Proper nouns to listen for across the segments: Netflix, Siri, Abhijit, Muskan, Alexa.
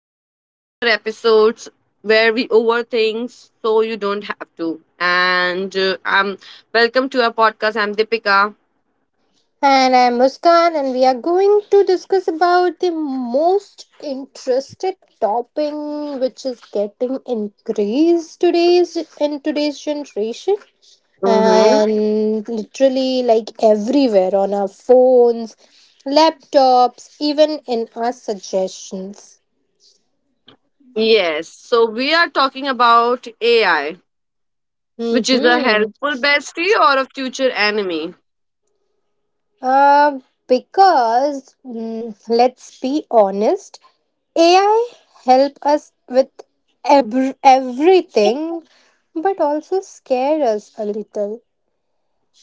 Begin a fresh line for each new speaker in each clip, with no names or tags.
back to another episode where we overthink so you don't have to. And Welcome to our podcast. I'm Deepika.
And I'm Muskan, and we are going to discuss about the most interested topic, which is getting increased today's in today's generation,
Mm-hmm.
and literally like everywhere on our phones, laptops, even in our suggestions.
Yes. So we are talking about AI, which is a
Mm-hmm.
helpful bestie or a future enemy.
Uh, because let's be honest, AI help us with everything but also scare us a little.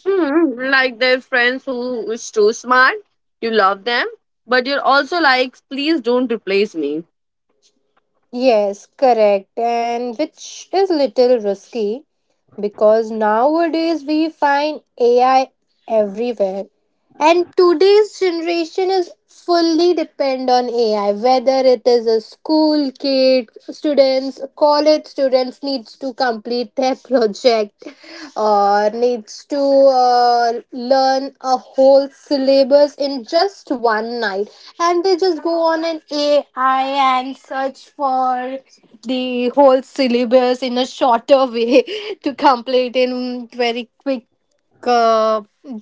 Hmm, like their friends who is too smart. You love them, but you're also like, please don't replace me.
Yes, correct. And which is little risky because nowadays we find AI everywhere. And today's generation is fully depend on AI. Whether it is a school kid, students, college students needs to complete their project, or needs to learn a whole syllabus in just one night, and they just go on an AI and search for the whole syllabus in a shorter way to complete in very quick uh,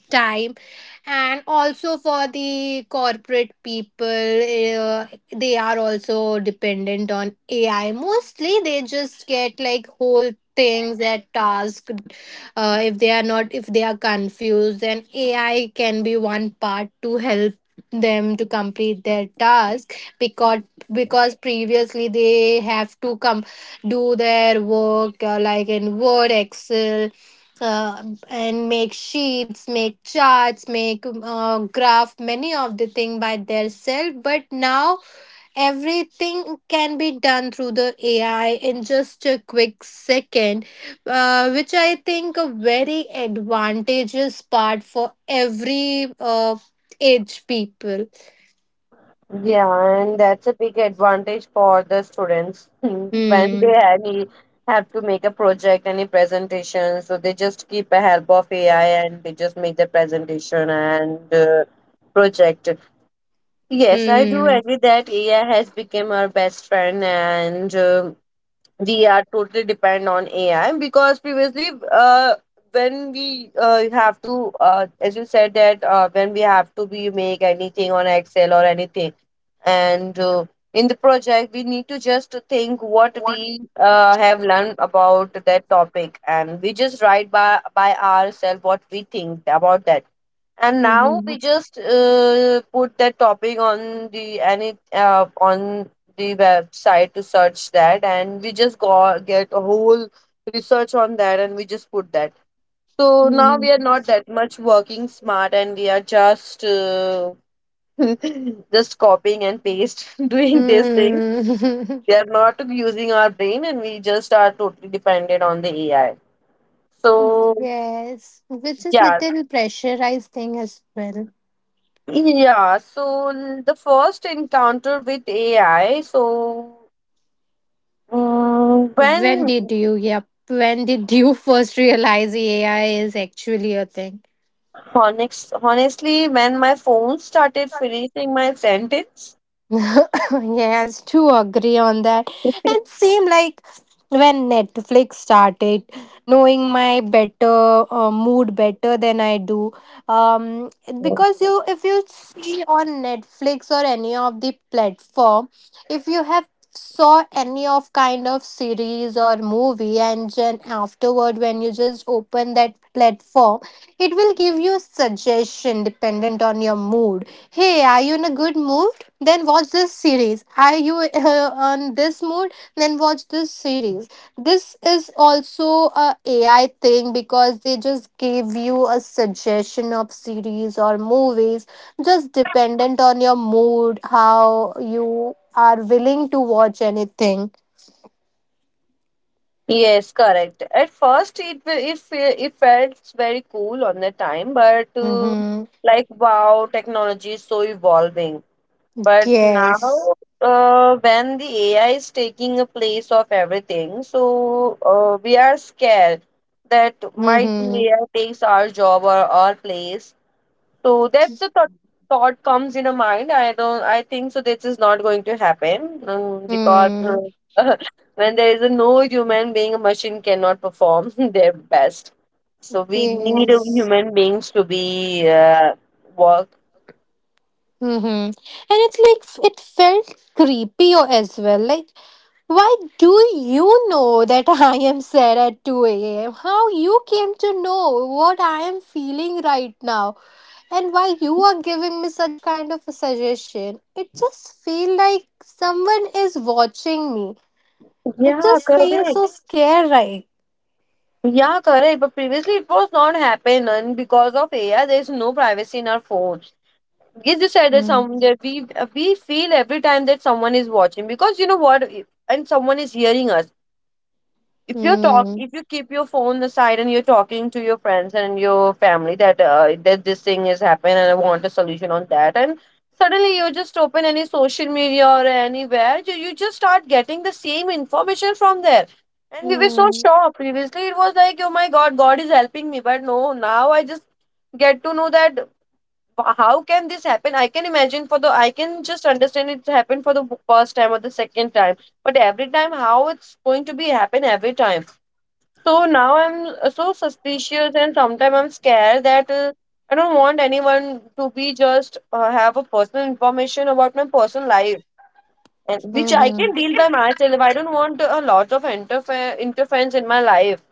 time, and also for the corporate people they are also dependent on AI. Mostly they just get like whole things, that task, if they are not, if they are confused, then AI can be one part to help them to complete their task, because because previously they have to come do their work, like in Word, Excel, uh, and make sheets, make charts, make graph, many of the thing by themselves. But now everything can be done through the AI in just a quick second, which I think a very advantageous part for every age people.
Yeah, and that's a big advantage for the students when
Hmm.
they any have to make a project, any presentation. So they just keep a help of AI and they just make the presentation and project. Yes, I do
Hmm.
agree that AI has become our best friend and we are totally depend on AI because previously, when we have to, as you said that when we have to be make anything on Excel or anything, and in the project we need to just think what we have learned about that topic, and we just write by ourselves what we think about that, and now we
Hmm.
just put that topic on the any on the website to search that, and we just go get a whole research on that, and we just put that. So now we
Hmm.
are not that much working smart, and we are just just copying and paste doing this thing.
Hmm.
We are not using our brain, and we just are totally dependent on the AI. So
Yes, which is
yeah.
little pressurized thing as well.
Yeah, so the first encounter with AI, so mm,
When
when
did you, yep, when did you first realize AI is actually a thing?
honestly, when my phone started finishing my sentence.
Yes, to agree on that. It seemed like when Netflix started knowing my better mood better than I do, um, because you, if you see on Netflix or any of the platform, if you have saw any of kind of series or movie, and then afterward when you just open that platform, it will give you suggestion dependent on your mood. Hey, are you in a good mood, then watch this series. Are you on this mood, then watch this series. This is also a AI thing, because they just give you a suggestion of series or movies just dependent on your mood, how you are willing to watch anything.
Yes, correct. At first, it felt very cool on the time, but
Mm-hmm.
like wow, technology is so evolving. But now,
Yes.
when the AI is taking a place of everything, so we are scared that might
Mm-hmm.
be AI takes our job or our place. So that's the thought comes in a mind. I don't. I think so. This is not going to happen, because
Mm.
when there is a no human being, a machine cannot perform their best. So we need a
Yes.
human beings to be work.
Mm-hmm. And it's like it felt creepy as well. Like, why do you know that I am sad at 2 a.m.? How you came to know what I am feeling right now? And why you are giving me such kind of a suggestion? It just feel like someone is watching me. It
Yeah,
just feels
correct.
so scary, right?
Yeah, correct. But previously it was not happening. Because of AI, there is no privacy in our phones. Yes, you said that
Mm.
some that we feel every time that someone is watching, because you know what, and someone is hearing us. If you talk,
Mm.
if you keep your phone aside and you're talking to your friends and your family that that this thing is happening and I want a solution on that, and suddenly you just open any social media or anywhere, you just start getting the same information from there, and we were so
Mm.
shocked. Previously it was like, oh my god, god is helping me, but no, now I just get to know that how can this happen. I can imagine for the, I can just understand it happened for the first time or the second time, but every time how it's going to be happen every time. So now I'm so suspicious, and sometimes I'm scared that I don't want anyone to be just have a personal information about my personal life, and which I
Mhm.
can deal by myself. I don't want a lot of interference in my life,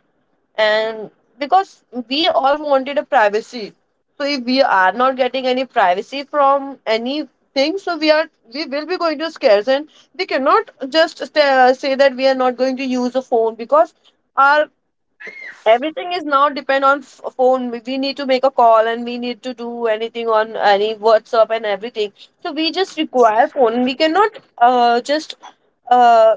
and because we all wanted a privacy. So if we are not getting any privacy from anything, so we are, we will be going to scares, and we cannot just say that we are not going to use a phone, because our everything is now depend on phone. We need to make a call and we need to do anything on any WhatsApp and everything, so we just require phone. We cannot, just uh,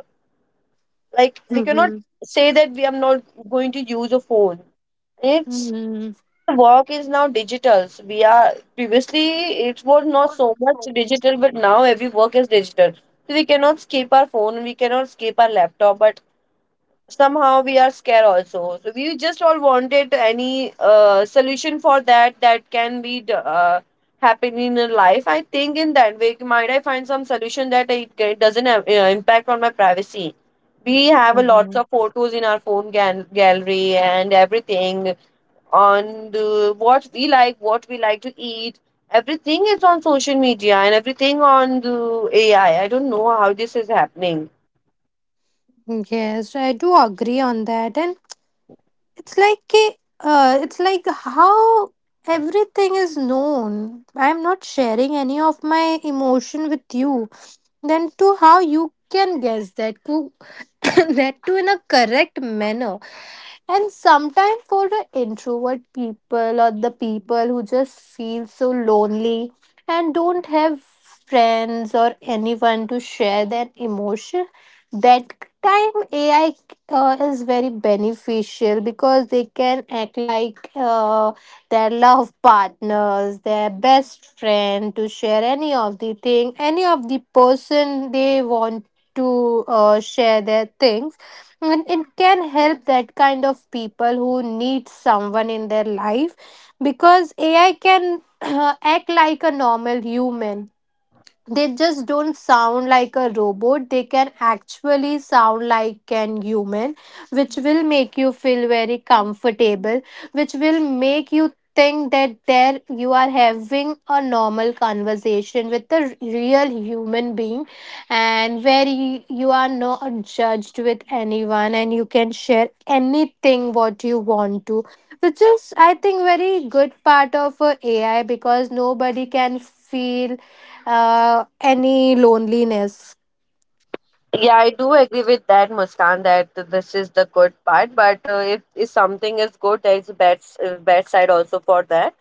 like we cannot
Mhm.
say that we are not going to use a phone. It's,
Mhm.
work is now digital, so we are, previously it was not so much digital, but now every work is digital, so we cannot skip our phone, we cannot skip our laptop. But somehow we are scared also, so we just all wanted any solution for that, that can be happen in a life. I think in that way might I find some solution that it doesn't have, impact on my privacy. We have a lots
Mhm.
of photos in our phone gallery and everything, on the, what we like, what we like to eat, everything is on social media and everything on the AI. I don't know how this is happening.
Yes, I do agree on that. And it's like a, it's like how everything is known. I'm not sharing any of my emotion with you, then to how you can guess that to that too in a correct manner. And sometimes for the introvert people or the people who just feel so lonely and don't have friends or anyone to share their emotion, that time AI is very beneficial because they can act like their love partners, their best friend, to share any of the thing, any of the person they want to share their things. And it can help that kind of people who need someone in their life, because AI can act like a normal human. They just don't sound like a robot, they can actually sound like an human, which will make you feel very comfortable, which will make you think that there you are having a normal conversation with a real human being, and where you are not judged with anyone and you can share anything what you want to, which is I think very good part of AI because nobody can feel any loneliness.
Yeah, I do agree with that, Muskan, that this is the good part. But if something is good, there is a bad, bad side also for that.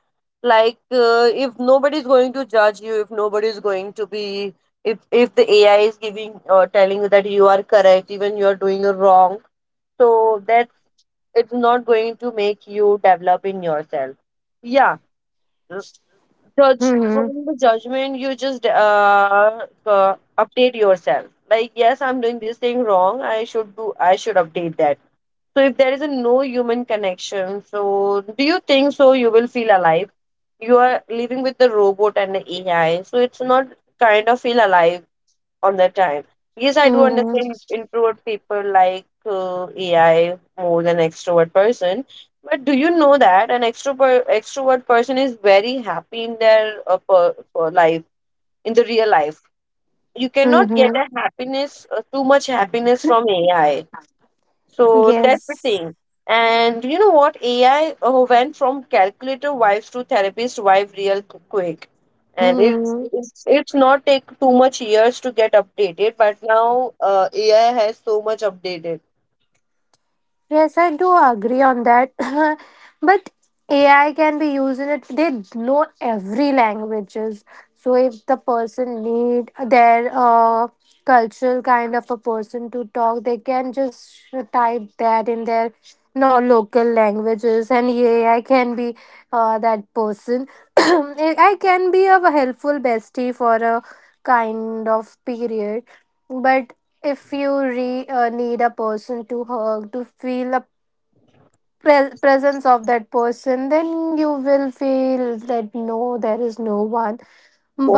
Like, if nobody's going to judge you, if nobody's going to be, if the AI is giving or telling you that you are correct, even you are doing it wrong, so that's, it's not going to make you develop in yourself. Yeah, judge from
Mm-hmm.
the judgment, you just update yourself like, yes, I'm doing this thing wrong, I should do, I should update that. So if there is a no human connection, so do you think so you will feel alive? You are living with the robot and the AI, so it's not kind of feel alive on that time. Yes, I do
Mm-hmm.
understand introvert people like AI more than extrovert person. But do you know that an extrovert person is very happy in their per life, in the real life? You cannot get
Mm-hmm.
a happiness, too much happiness from AI. So that's the
Yes.
thing. And you know what? AI went from calculator wives to therapist wife real quick. And it's
Mm-hmm.
it's it's not take too much years to get updated, but now AI has so much updated.
Yes, I do agree on that. But AI can be used in it. They know every languages. So if the person need their cultural kind of a person to talk, they can just type that in their no local languages, and AI can be that person. AI can be a helpful bestie for a kind of period. But if you need a person to hug, to feel a presence of that person, then you will feel that no, there is no one.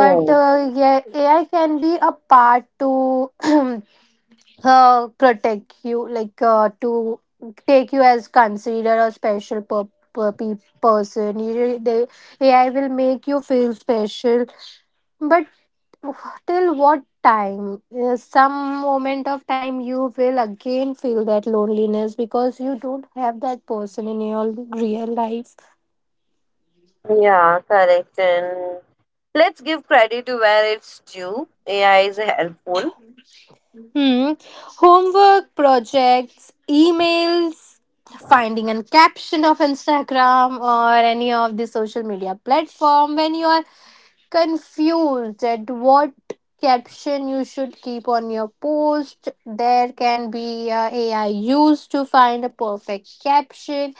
But yeah, AI can be a part to protect you, like to take you as consider a special person. They, AI will make you feel special, but till what time? Some moment of time you will again feel that loneliness because you don't have that person in your real life.
Yeah, correct. And let's give credit to where it's due. AI is helpful.
Hmm. Homework, projects, emails, finding a caption of Instagram or any of the social media platform, when you are confused at what caption you should keep on your post, there can be AI used to find a perfect caption.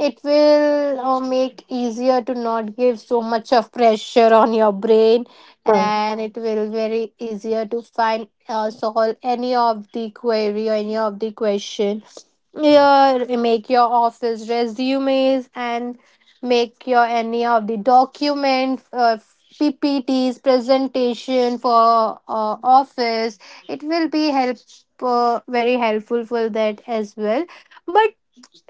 It will make easier to not give so much of pressure on your brain, and it will very easier to find solve any of the query or any of the question. Your make your office resumes and make your any of the documents, PPTs, presentation for office, it will be help very helpful for that as well. But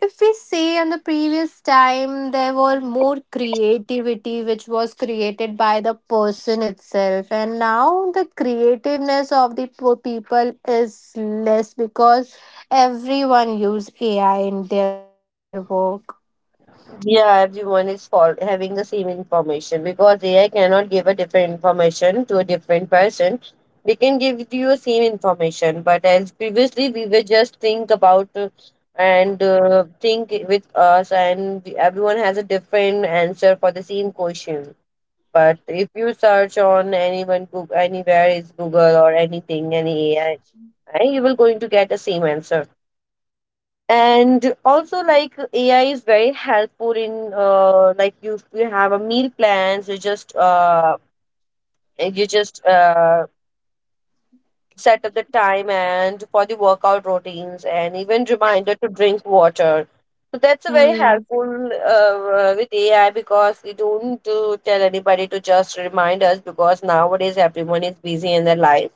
if we see in the previous time, there were more creativity which was created by the person itself, and now the creativeness of the people is less because everyone use AI in their work.
Yeah, everyone is having the same information because AI cannot give a different information to a different person. They can give you the same information, but as previously we were just think about and think with us, and we, everyone has a different answer for the same question. But if you search on anyone Google, anywhere is Google or anything, any AI, you will going to get the same answer. And also like AI is very helpful in, like you have a meal plans, you just you just uh set up the time and for the workout routines and even reminder to drink water. So that's a very
Hmm.
helpful with AI, because we don't do tell anybody to just remind us, because nowadays everyone is busy in their life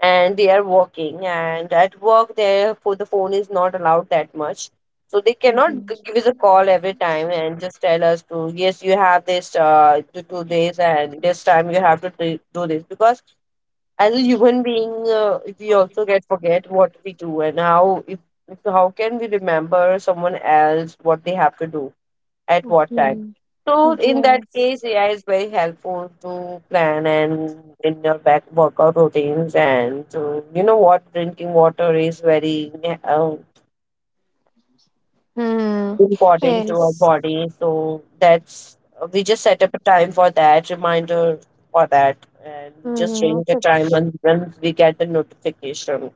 and they are working, and at work their for the phone is not allowed that much, so they cannot
Mhm.
give us a call every time and just tell us to, yes, you have this to do this, and this time you have to do this. Because as a human being, we also get forget what we do, and how if how can we remember someone else what they have to do at what time.
Mhm.
So in that
Yes.
case, AI is very helpful to plan and in your back workout routines. And to, you know what, drinking water is very uh,
Hmm.
important to our
Yes.
body. So that's, we just set up a time for that reminder for that, and we just drink the
Mm-hmm.
time and when we get the notification.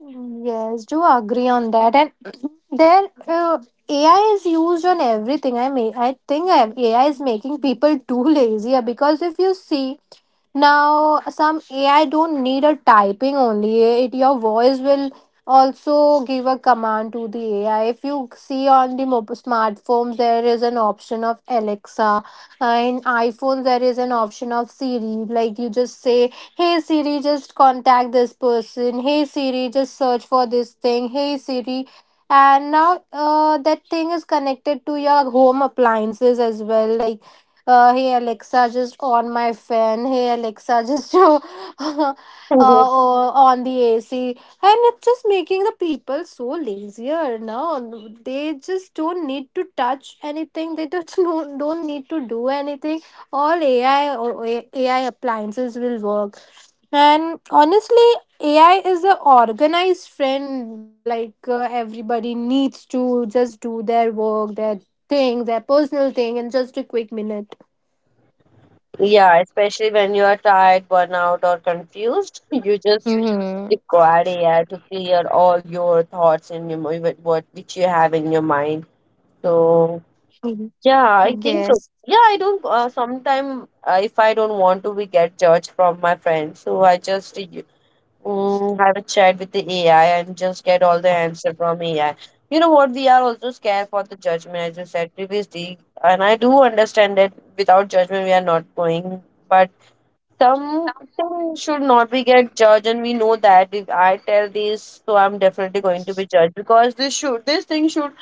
Yes, do agree on that. And there, AI is used on everything. I think AI is making people too lazier, because if you see now, some AI don't need a typing only. It your voice will also give a command to the AI. If you see on the smartphones, there is an option of Alexa. In iPhones, there is an option of Siri. Like you just say, "Hey Siri, just contact this person." Hey Siri, just search for this thing. Hey Siri. And now that thing is connected to your home appliances as well. Like hey Alexa, just on my fan. Hey Alexa, just uh,
Mhm.
on the AC. And it's just making the people so lazier now. They just don't need to touch anything. They just don't need to do anything. All AI appliances will work. And honestly, AI is an organized friend. Like everybody needs to just do their work, their thing, their personal thing in just a quick minute.
Yeah, especially when you are tired, burnout, or confused, you just
Mm-hmm.
required AI to clear all your thoughts in your mi- what- which you have in your mind. So yeah, I
Yes.
think so. Yeah, I don't. Sometime if I don't want to be get judged from my friends, so I just have a chat with the AI and just get all the answer from AI. You know what? We are also scared for the judgment, as I said previously, and I do understand that without judgment we are not going. But something should not be get judged, and we know that if I tell this, so I'm definitely going to be judged because this thing should,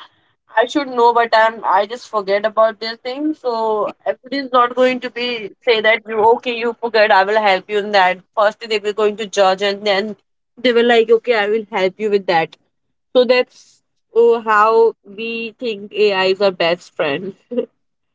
I should know, but I just forget about this thing. So it is not going to be say that, you okay, you forget, I will help you in that. First they were going to judge, and then they were like, okay, I will help you with that. So that's, oh, how we think AIs are best friends.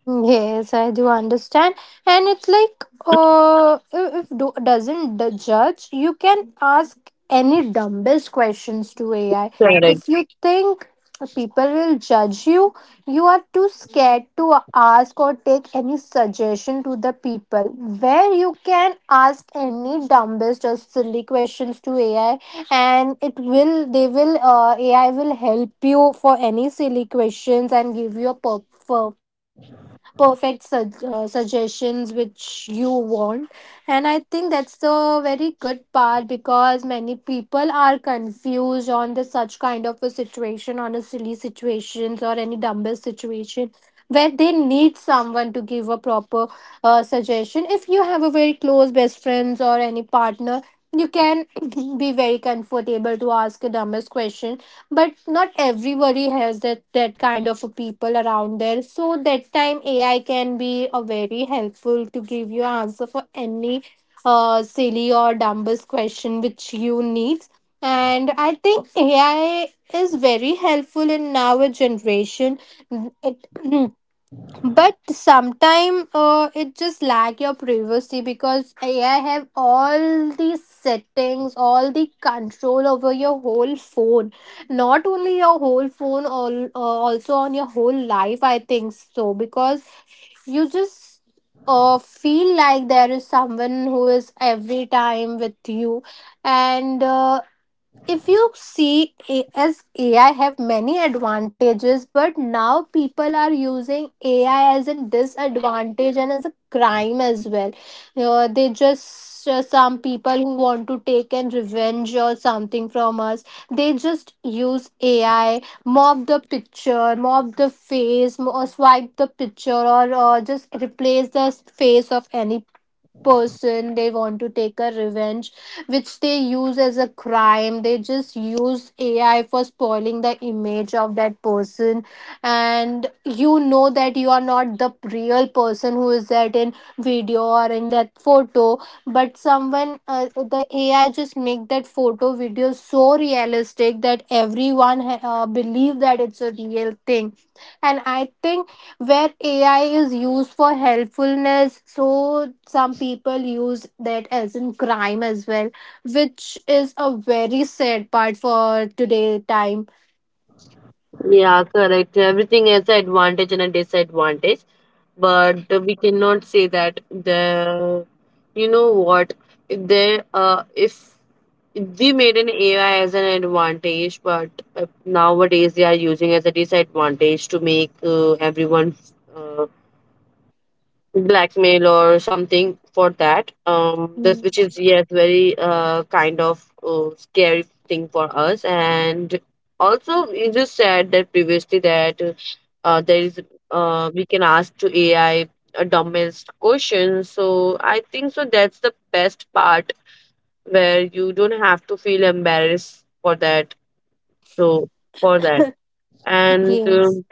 Yes, I do understand, and it's like, if do, doesn't judge, you can ask any dumbest questions to AI. If
Correct.
you think people will judge you, you are too scared to ask or take any suggestion to the people. Where you can ask any dumbest or silly questions to AI, and it will they will AI will help you for any silly questions and give you a perfect suggestions which you want. And I think that's the very good part, because many people are confused on the such kind of a situation, on a silly situations or any dumbest situation, where they need someone to give a proper suggestion. If you have a very close best friends or any partner, you can be very comfortable to ask a dumbest question. But not everybody has that kind of a people around there, so that time AI can be a very helpful to give you answer for any silly or dumbest question which you need. And I think AI is very helpful in our generation. It but sometime it just lack your privacy, because AI have all the settings, all the control over your whole phone, not only your whole phone, all, also on your whole life, I think so, because you just feel like there is someone who is every time with you. And if you see, as AI have many advantages, but now people are using AI as a disadvantage and as a crime as well. They just Some people who want to take an revenge or something from us, they just use AI, mop the picture, mop the face, or swipe the picture, or just replace the face of any person they want to take a revenge, which they use as a crime. They just use AI for spoiling the image of that person. And you know that you are not the real person who is that in video or in that photo, but someone the AI just make that photo video so realistic that everyone believe that it's a real thing. And I think where AI is used for helpfulness. So some people use that as in crime as well, which is a very sad part for today time.
Yeah, correct. Everything has an advantage and a disadvantage, but we cannot say that the, you know what, if we made an AI as an advantage, but nowadays they are using as a disadvantage to make everyone uh, blackmail or something for that
Mm.
this which is, yes, very kind of scary thing for us. And also, you just said that previously that there is we can ask to AI a dumbest question, so I think so that's the best part where you don't have to feel embarrassed for that. So for that and
Yes.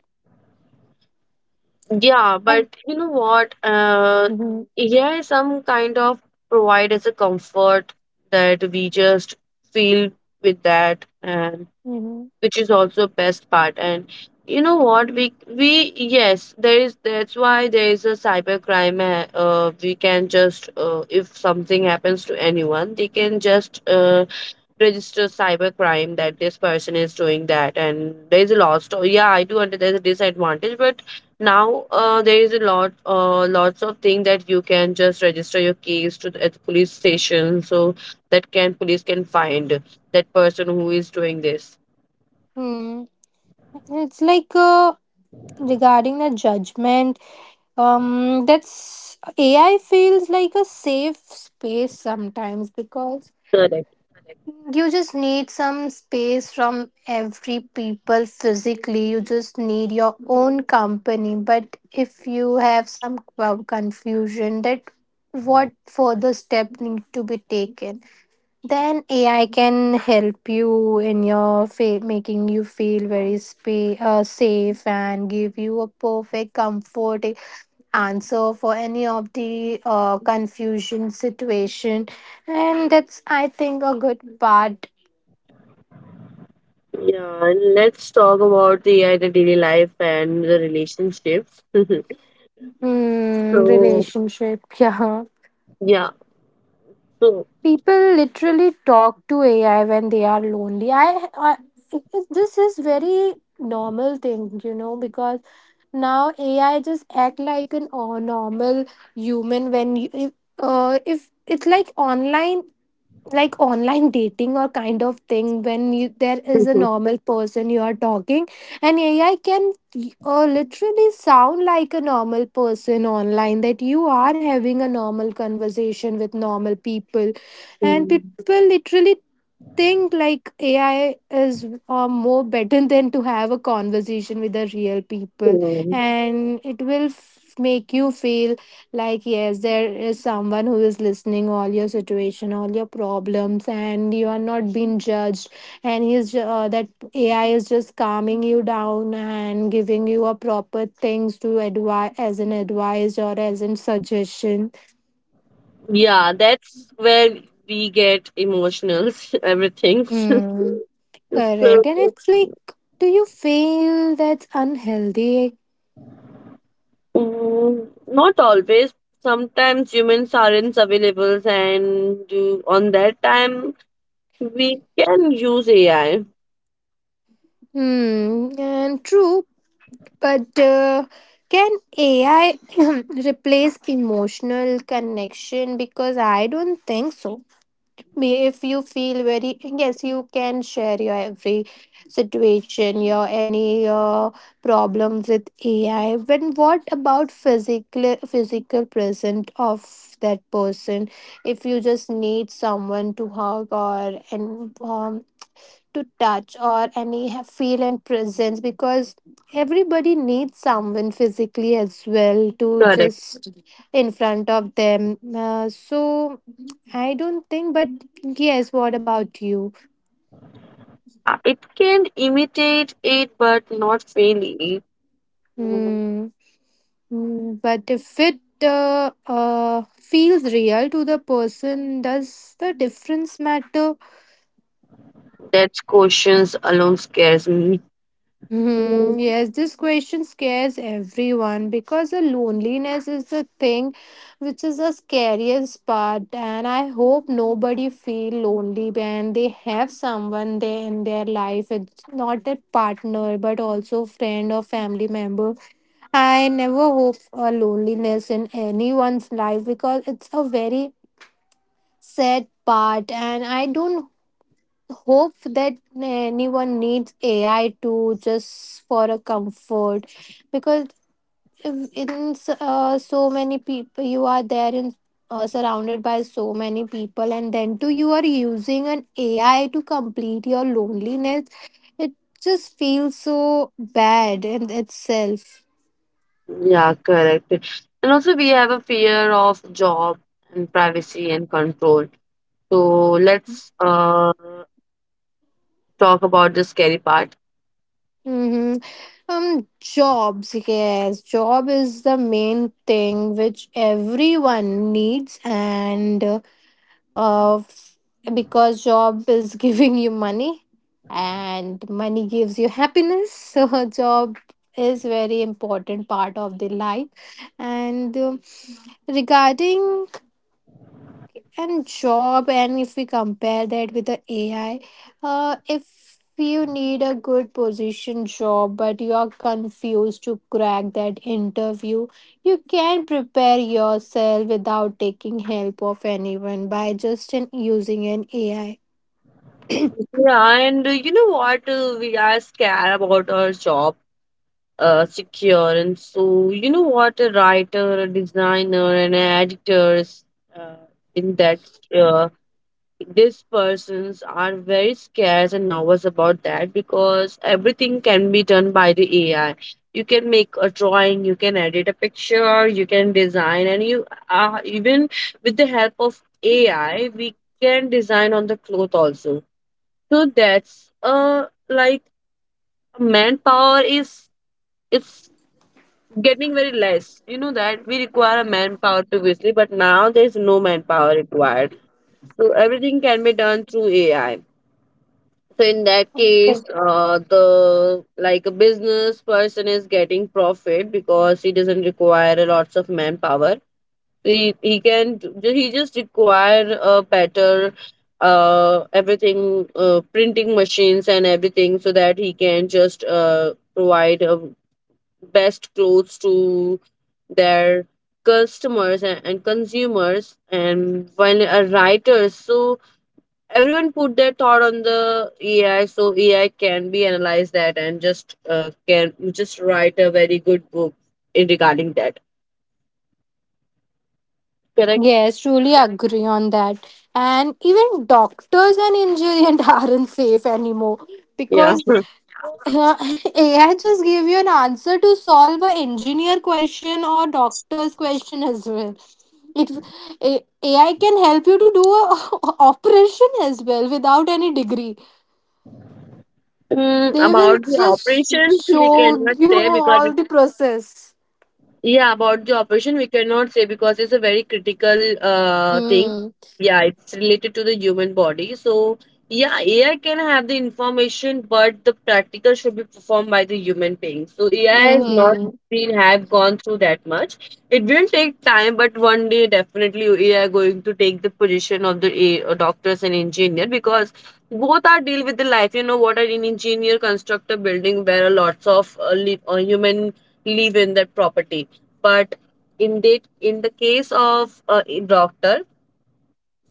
Yeah,
And
but you know what?
mhm,
Yeah, some kind of provide as a comfort that we just feel with that, and
mhm,
which is also best part. And you know what? We, yes, there is. That's why there is a cyber crime. We can just if something happens to anyone, they can just register cybercrime that this person is doing that, and there's a lot. So yeah, I do under, there's a disadvantage, but now there is a lot, lots of thing that you can just register your case to at the police station, so that can police can find that person who is doing this.
mm. It's like, regarding the judgment. That's AI feels like a safe space sometimes because
Correct.
you just need some space from every people physically. You just need your own company. But if you have some confusion that what further step need to be taken, then AI can help you in your making you feel very safe and give you a perfect comfort answer for any of the confusion situation, and that's I think a good part.
Yeah, and let's talk about the daily life and the relationships.
Hmm,
So,
relationship, yeah.
yeah. So,
People literally talk to AI when they are lonely. This is very normal thing, because now AI just act like an normal human when you, if it's like online dating or kind of thing there is a normal person you are talking, and ai can literally sound like a normal person online that you are having a normal conversation with normal people, and people literally think like AI is more better than to have a conversation with the real people, and it will make you feel like yes, there is someone who is listening all your situation, all your problems, and you are not being judged. And that AI is just calming you down and giving you a proper things to advise as an advice or as an suggestion.
yeah, that's where we get emotional, everything. So,
Hmm. Correct. And it's like, do you feel that's unhealthy?
mm, not always. Sometimes humans aren't available, and on that time, we can use AI.
Hmm. And true, but can AI replace emotional connection? Because I don't think so. Me if you feel very yes you can share your every situation, your any problems with ai, but what about physical present of that person, if you just need someone to hug or and to touch or any feel and presence, because everybody needs someone physically as well to
Correct.
just in front of them. So I don't think, but yes, what about you?
It can imitate it, but not fail it. Mm.
Mm. Mm. But if it feels real to the person, does the difference matter?
That questions alone scares me.
Hmm, yes, this question scares everyone because the loneliness is the thing which is the scariest part, and I hope nobody feel lonely when they have someone there in their life. It's not a partner, but also friend or family member. I never hope a loneliness in anyone's life because it's a very sad part, and I don't hope that anyone needs AI to just for a comfort, because if so many people you are there in, surrounded by so many people, and then too you are using an AI to complete your loneliness, it just feels so bad in itself.
Yeah, correct. And also, we have a fear of job and privacy and control. So let's talk about the scary part.
Mm-hmm. Jobs, yes, job is the main thing which everyone needs, and uh, f- because job is giving you money, and money gives you happiness so a job is very important part of the life, and regarding and job and if we compare that with the ai, if you need a good position job but you are confused to crack that interview, you can prepare yourself without taking help of anyone by just using an ai.
Yeah, and you know what? We are scared about our job, secure. And so you know what? A writer, a designer, and an editor is uh, in that uh, these persons are very scarce and nervous about that, because everything can be done by the AI. You can make a drawing, you can edit a picture, you can design, and you, even with the help of AI, we can design on the cloth also. So that's like, manpower is, it's getting very less. You know that we require a manpower previously, but now there's no manpower required. So everything can be done through AI. So in that case,
Yes,
the, like a business person is getting profit because he doesn't require a lots of manpower. He, can he just require a better everything, printing machines and everything, so that he can just provide best clothes to their customers and consumers. And when a writer, so everyone put their thought on the AI, so AI can be analyzed that and just can just write a very good book in regarding that. Correct?
yes, truly agree on that. And even doctors and engineers aren't safe anymore
Yeah.
because AI just gave you an answer to solve a engineer question or doctor's question as well. It AI can help you to do a operation as well without any degree.
Mm,
They
about
will
the
just
operations, we
show
cannot
you
say because,
all the process.
yeah, about the operation, we cannot say because it's a very critical thing.
Hmm.
Yeah, it's related to the human body. So, yeah, AI can have the information, but the practical should be performed by the human being. So AI has not
Mm-hmm.
been have gone through that much. It will take time, but one day definitely AI going to take the position of the doctors and engineer, because both are deal with the life. You know what? Are An engineer construct a building where lots of, human live in that property. But in the, in the case of a doctor,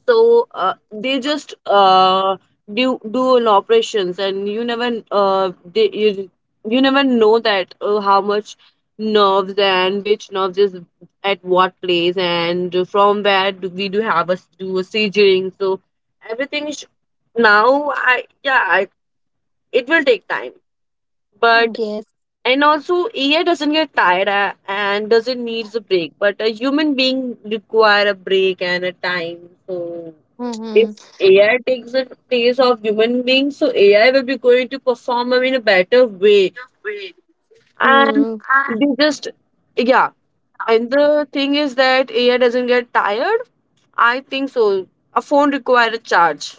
so they just do an operations. And you never you never know that how much nerves and which nerves is at what place, and from where do we do have us do a scissoring. So everything is now, it will take time, but,
Yes.
and also, AI doesn't get tired, and doesn't needs a break, but a human being require a break and a time. So
Mm-hmm.
if AI takes the place of human beings, so AI will be going to perform in a better way. And they just, yeah. And the thing is that AI doesn't get tired, I think so. A phone require a charge.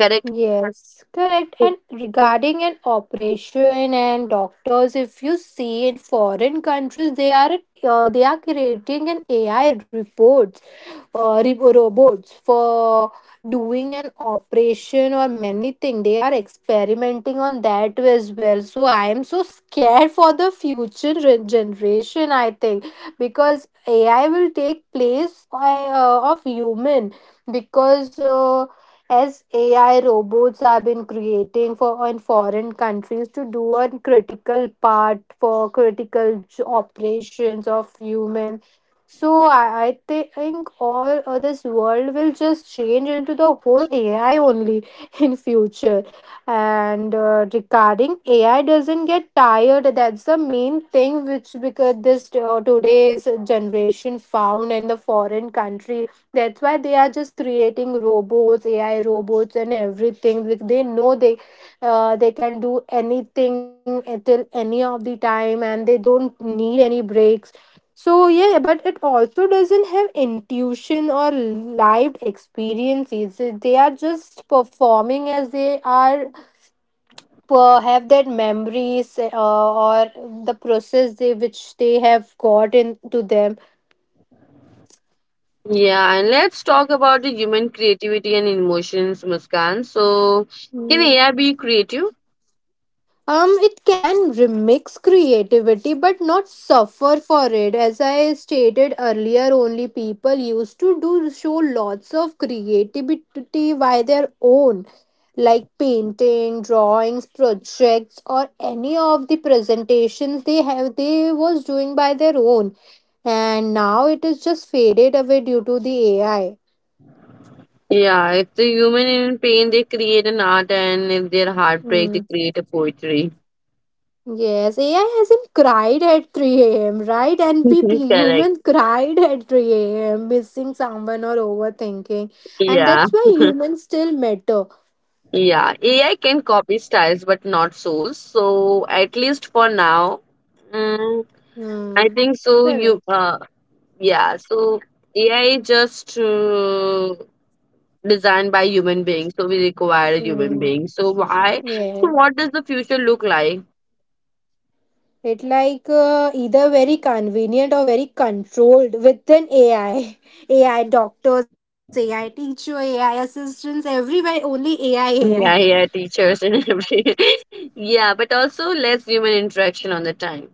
Correct.
Yes, correct.
So,
And regarding an operation and doctors, if you see in foreign countries, they are creating an AI reports, robots for doing an operation or many thing. They are experimenting on that as well. So I am so scared for the future generation. I think because AI will take place, of human because as AI robots have been creating for in foreign countries to do a critical part for critical operations of humans. So I think all of this world will just change into the whole AI only in future. And regarding AI doesn't get tired. That's the main thing which because this today's generation found in the foreign country, that's why they are just creating robots ai robots and everything, like they know they can do anything until any of the time, and they don't need any breaks. So yeah, but it also doesn't have intuition or lived experiences. They are just performing as they are, have that memories, or the process they which they have got into
yeah, and let's talk about the human creativity and emotions, Muskan. So, can
them.
AI be creative?
It can remix creativity but not suffer for it. As I stated earlier, only people used to do show lots of creativity by their own, like painting, drawings, projects, or any of the presentations they was doing by their own. And now it is just faded away due to the AI.
Yeah, if the human in pain, they create an art, and if they're heartbreak,
Hmm.
they create a poetry.
Yes, AI hasn't cried at 3 a.m., right? And we
Correct.
humans cried at 3 a.m., missing someone or overthinking. And
Yeah.
that's why, yeah, humans still matter.
Yeah, AI can copy styles but not souls. So at least for now, mm, I
Hmm.
think so.
Correct.
Yeah. So AI just designed by human beings, so we require a human
Hmm.
being. So why?
Yeah.
So what does the future look like?
It like either very convenient or very controlled within AI. AI doctors, AI teacher, AI assistants, everywhere only AI, AI.
Yeah, yeah, teachers and every, yeah, but also less human interaction on the time.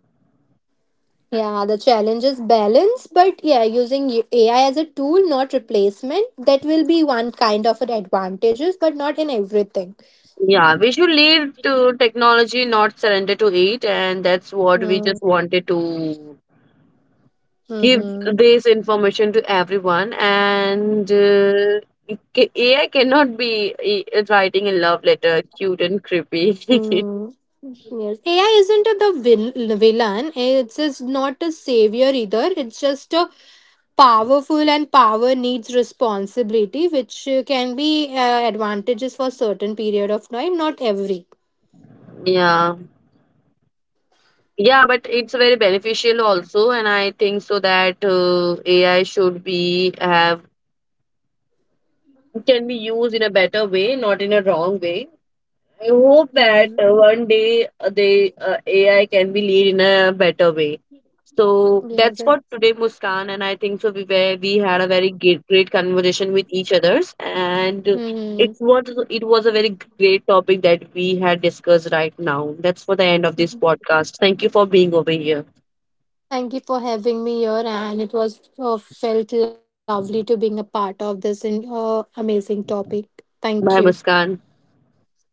Yeah, the challenge is balance, but yeah, using AI as a tool, not replacement, that will be one kind of an advantages, but not in everything.
Yeah, we should lead to technology, not surrender to it, and that's what we just
Mm.
wanted to give
Mm-hmm.
this information to everyone. And AI cannot be writing a love letter, cute and creepy.
Mm. Yes. AI isn't the villain. It's just not a savior either. It's just a powerful and power needs responsibility, which can be advantages for certain period of time, not every.
Yeah. Yeah, but it's very beneficial also, and I think so that AI should be have, can be used in a better way, not in a wrong way. I hope that
Yeah.
one day they AI can be lead in a better way. So that's what
Yes.
today, Muskan, and I think so. We had a very great conversation with each others, and
Mm-hmm.
it's what it was a very great topic that we had discussed right now. That's for the end of this podcast. Thank you for being over here.
Thank you for having me here, and it was felt lovely to being a part of this amazing topic. Thank you.
Bye, Muskan.
Bye.